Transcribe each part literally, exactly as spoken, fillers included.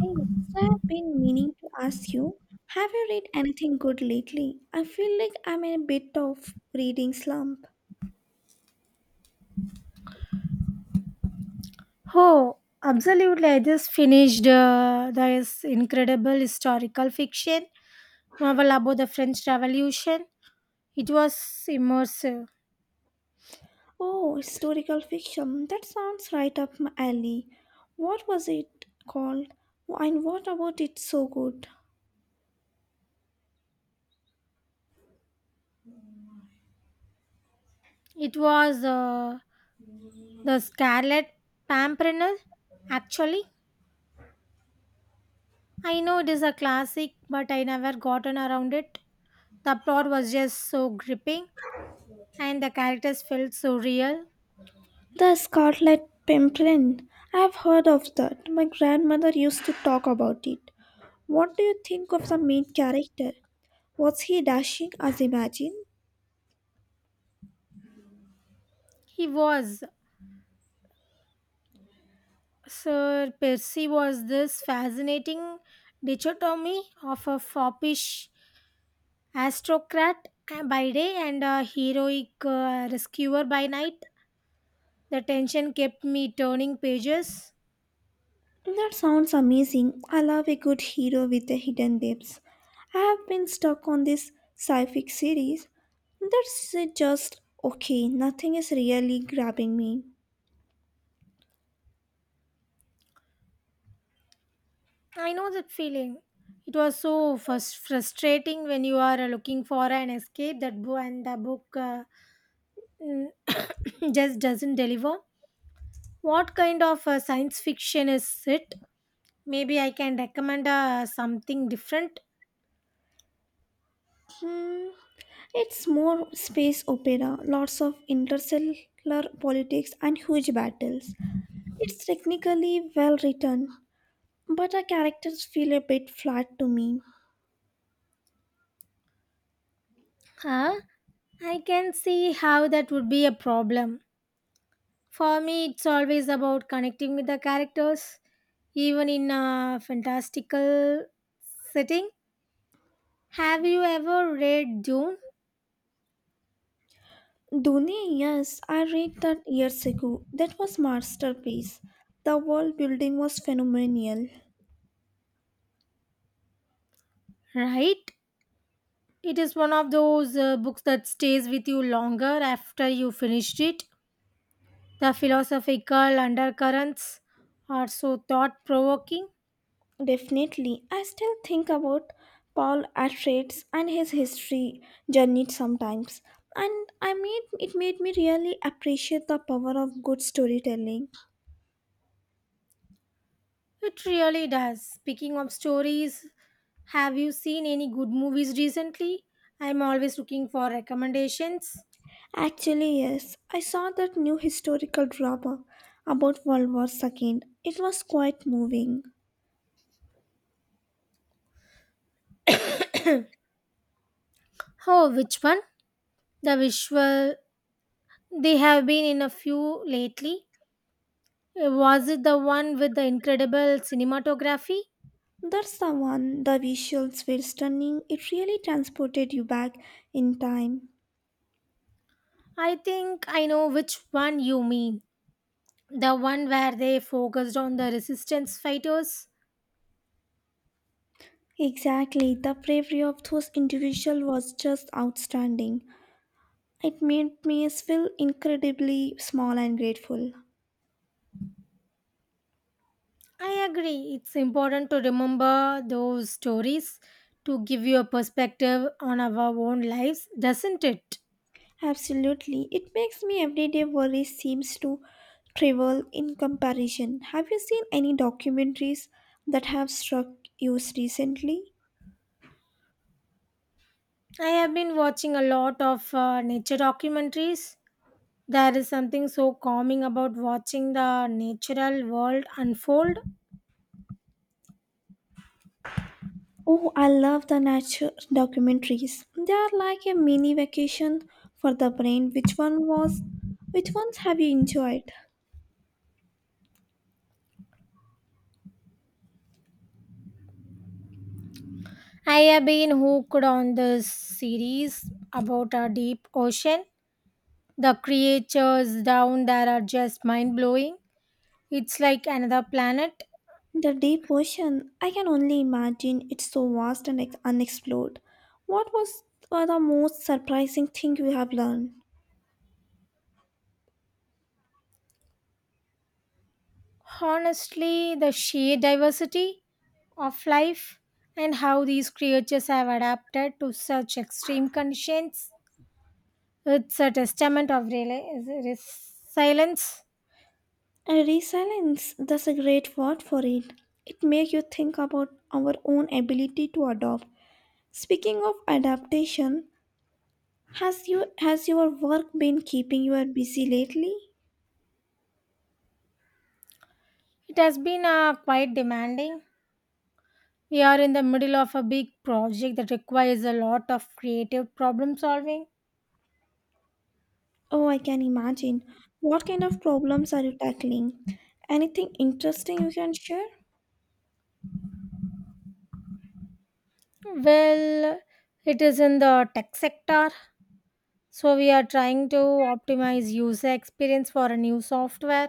Hey, so I've been meaning to ask you, have you read anything good lately? I feel like I'm in a bit of reading slump. Oh, absolutely. I just finished uh, this incredible historical fiction novel about the French Revolution. It was immersive. Oh, historical fiction. That sounds right up my alley. What was it called? And what about it so good? It was uh, The Scarlet Pimpernel, actually. I know it is a classic, but I never gotten around it. The plot was just so gripping, and the characters felt so real. The Scarlet Pimpernel. I've heard of that. My grandmother used to talk about it. What do you think of the main character? Was he dashing as imagined? He was Sir Percy was this fascinating dichotomy of a foppish aristocrat by day and a heroic uh, rescuer by night. The tension kept me turning pages. That sounds amazing. I love a good hero with a hidden depths. I have been stuck on this sci-fi series. That's uh, just okay. Nothing is really grabbing me. I know that feeling. It was so frus- frustrating when you are uh, looking for an escape that book and the book uh, mm, just doesn't deliver. What kind of uh, science fiction is it? Maybe I can recommend uh, something different. Hmm, it's more space opera, lots of interstellar politics and huge battles. It's technically well written, but the characters feel a bit flat to me. Huh? I can see how that would be a problem. For me, it's always about connecting with the characters, even in a fantastical setting. Have you ever read Dune? Duni, yes, I read that years ago. That was masterpiece. The world building was phenomenal. Right? It is one of those uh, books that stays with you longer after you finished it. The philosophical undercurrents are so thought provoking. Definitely, I still think about Paul Atreides and his history journey sometimes. And I mean, it made me really appreciate the power of good storytelling. It really does. Speaking of stories, have you seen any good movies recently? I'm always looking for recommendations. Actually, yes, I saw that new historical drama about World War two. It was quite moving. Oh, which one? The visual. They have been in a few lately. Uh, Was it the one with the incredible cinematography? That's the one, the visuals were stunning. It really transported you back in time. I think I know which one you mean. The one where they focused on the resistance fighters. Exactly, the bravery of those individuals was just outstanding. It made me feel incredibly small and grateful. I agree. It's important to remember those stories to give you a perspective on our own lives, doesn't it? Absolutely, it makes me everyday worry seems to trivial in comparison. Have you seen any documentaries that have struck you recently? I have been watching a lot of uh, nature documentaries. There is something so calming about watching the natural world unfold. Oh, I love the nature documentaries. They are like a mini vacation for the brain. Which one was which ones have you enjoyed? I have been hooked on this series about a deep ocean. The creatures down there are just mind blowing. It's like another planet. The deep ocean, I can only imagine it's so vast and ex- unexplored. What was uh, the most surprising thing you have learned? Honestly, the sheer diversity of life and how these creatures have adapted to such extreme conditions, it's a testament of rela- resilience. Uh, resilience, that's a great word for it. It makes you think about our own ability to adapt. Speaking of adaptation, has you has your work been keeping you busy lately? It has been uh, quite demanding. We are in the middle of a big project that requires a lot of creative problem solving. Oh, I can imagine. What kind of problems are you tackling? Anything interesting you can share? Well, it is in the tech sector, so we are trying to optimize user experience for a new software.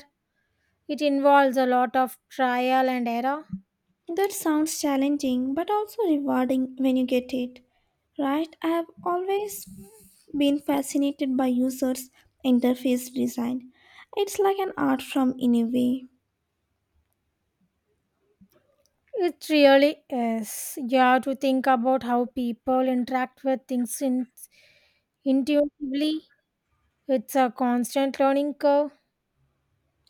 It involves a lot of trial and error. That sounds challenging but also rewarding when you get it. Right? I have always been fascinated by users' interface design. It's like an art form in a way. It really is. You have to think about how people interact with things in, intuitively. It's a constant learning curve.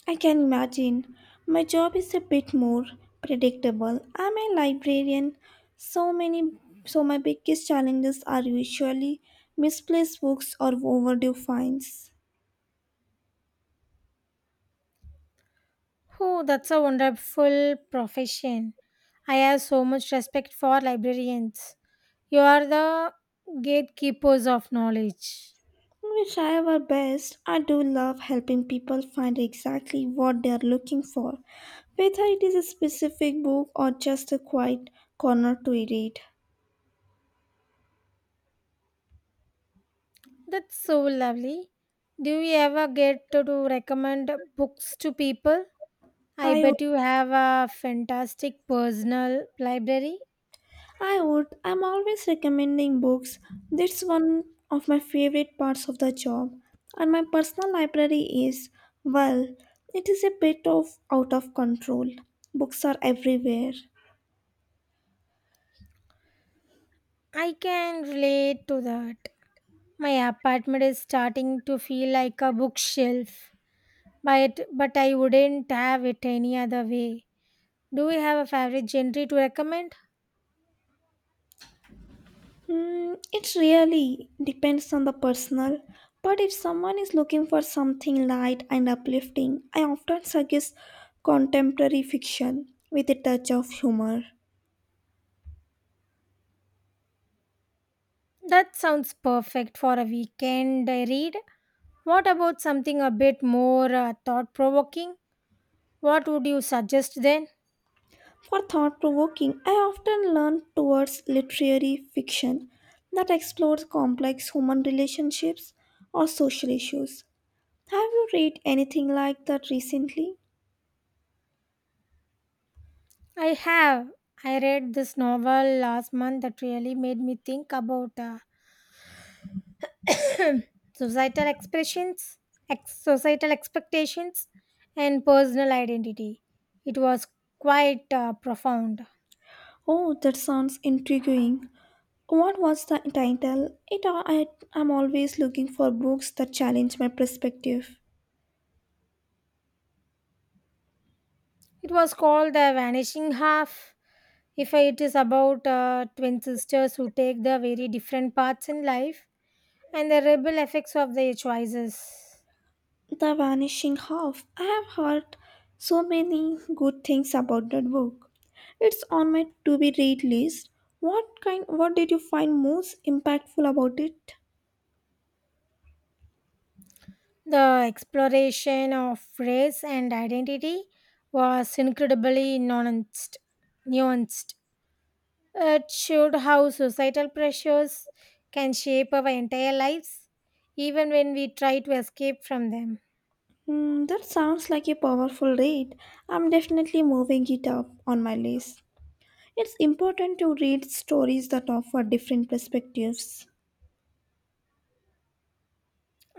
I can imagine. My job is a bit more predictable. I'm a librarian. So many. So my biggest challenges are usually misplaced books or overdue fines. Oh, that's a wonderful profession. I have so much respect for librarians. You are the gatekeepers of knowledge. We try our best. I do love helping people find exactly what they are looking for, whether it is a specific book or just a quiet corner to read. That's so lovely. Do you ever get to do recommend books to people? I I would bet you have a fantastic personal library. I would. I'm always recommending books. That's one of my favorite parts of the job. And my personal library is, well, it is a bit of out of control. Books are everywhere. I can relate to that. My apartment is starting to feel like a bookshelf, but, but I wouldn't have it any other way. Do you have a favorite genre to recommend? Hmm, it really depends on the personal. But if someone is looking for something light and uplifting, I often suggest contemporary fiction with a touch of humor. That sounds perfect for a weekend read. What about something a bit more uh, thought provoking? What would you suggest then? For thought provoking, I often lean towards literary fiction that explores complex human relationships or social issues. Have you read anything like that recently? I have. I read this novel last month that really made me think about uh, societal expressions, ex- societal expectations, and personal identity. It was quite uh, profound. Oh, that sounds intriguing. What was the title? It I, I'm always looking for books that challenge my perspective. It was called the vanishing half. If it is about uh, twin sisters who take the very different paths in life and the rebel effects of their choices. The Vanishing Half. I have heard so many good things about that book. It's on my to be read list. What kind what did you find most impactful about it? The exploration of race and identity was incredibly nuanced. nuanced. It showed how societal pressures can shape our entire lives, even when we try to escape from them. Hmm, that sounds like a powerful read. I'm definitely moving it up on my list. It's important to read stories that offer different perspectives.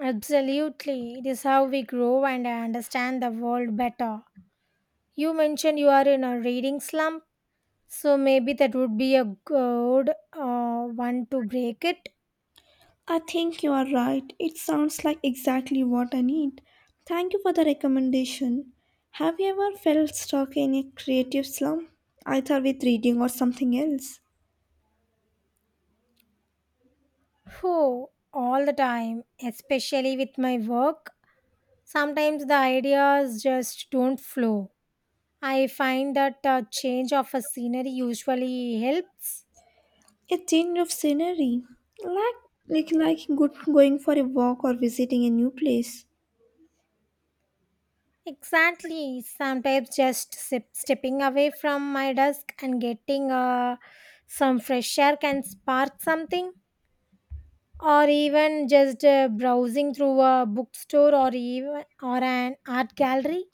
Absolutely, it is how we grow and understand the world better. You mentioned you are in a reading slump, so maybe that would be a good uh, one to break it. I think you are right. It sounds like exactly what I need. Thank you for the recommendation. Have you ever felt stuck in a creative slump, either with reading or something else? Oh, all the time, especially with my work. Sometimes the ideas just don't flow. I find that a change of a scenery usually helps. A change of scenery, like like, like good, going for a walk or visiting a new place. Exactly. Sometimes just sip, stepping away from my desk and getting uh, some fresh air can spark something. Or even just uh, browsing through a bookstore or even or an art gallery.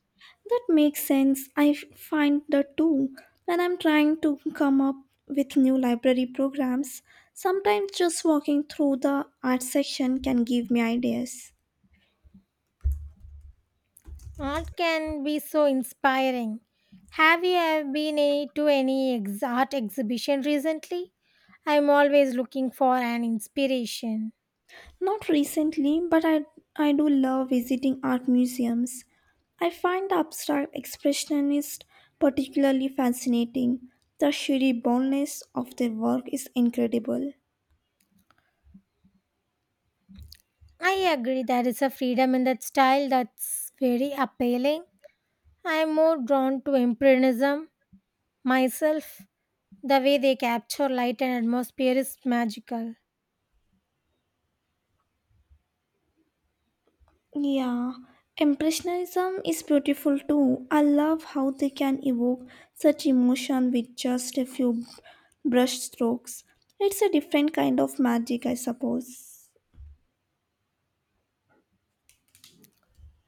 That makes sense. I f- find that too. When I'm trying to come up with new library programs, sometimes just walking through the art section can give me ideas. Art can be so inspiring. Have you uh, been uh, to any ex- art exhibition recently? I'm always looking for an inspiration. Not recently, but I, I do love visiting art museums. I find the abstract expressionist particularly fascinating. The sheer boldness of their work is incredible. I agree there is a freedom in that style that's very appealing. I am more drawn to Impressionism myself. The way they capture light and atmosphere is magical. Yeah, Impressionism is beautiful too. I love how they can evoke such emotion with just a few brush strokes. It's a different kind of magic, I suppose.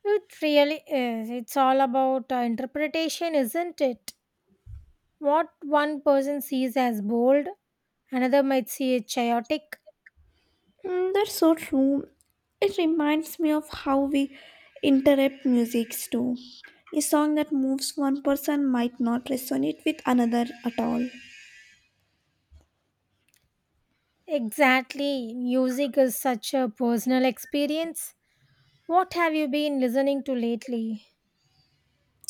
It really is. It's all about uh, interpretation, isn't it? What one person sees as bold, another might see it chaotic. Mm, that's so true. It reminds me of how we interrupt musics too. A song that moves one person might not resonate with another at all. Exactly. Music is such a personal experience. What have you been listening to lately?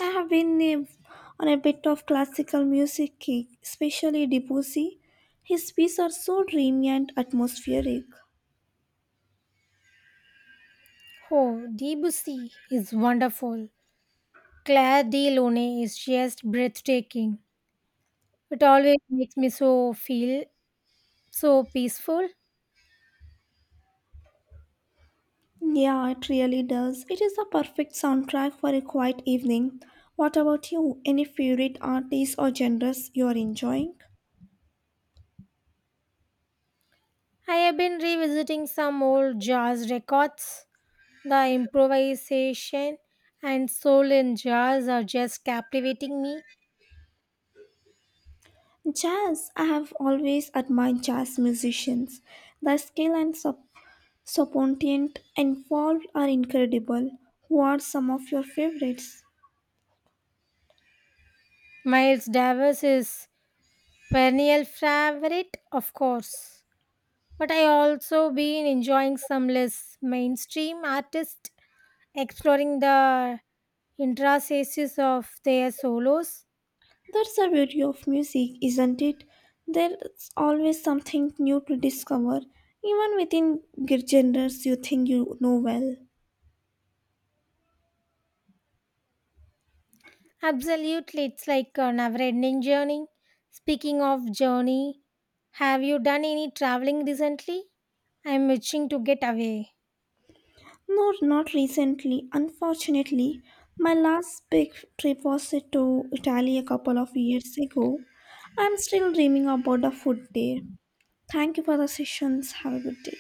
I have been eh, on a bit of classical music kick, especially Debussy. His pieces are so dreamy and atmospheric. Oh, Debussy is wonderful. Claire de Lune is just breathtaking. It always makes me so feel so peaceful. Yeah, it really does. It is the perfect soundtrack for a quiet evening. What about you? Any favorite artists or genres you are enjoying? I have been revisiting some old jazz records. The improvisation and soul in jazz are just captivating me. Jazz, I have always admired jazz musicians. Their skill and sup- spontaneity involved are incredible. Who are some of your favorites? Miles Davis is perennial favorite, of course. But I also been enjoying some less mainstream artists exploring the intricacies of their solos. That's the beauty of music, isn't it? There's always something new to discover, even within g- genres you think you know well. Absolutely, it's like a never ending journey. Speaking of journey, have you done any traveling recently? I'm itching to get away. No, not recently. Unfortunately, my last big trip was to Italy a couple of years ago. I'm still dreaming about the food there. Thank you for the sessions. Have a good day.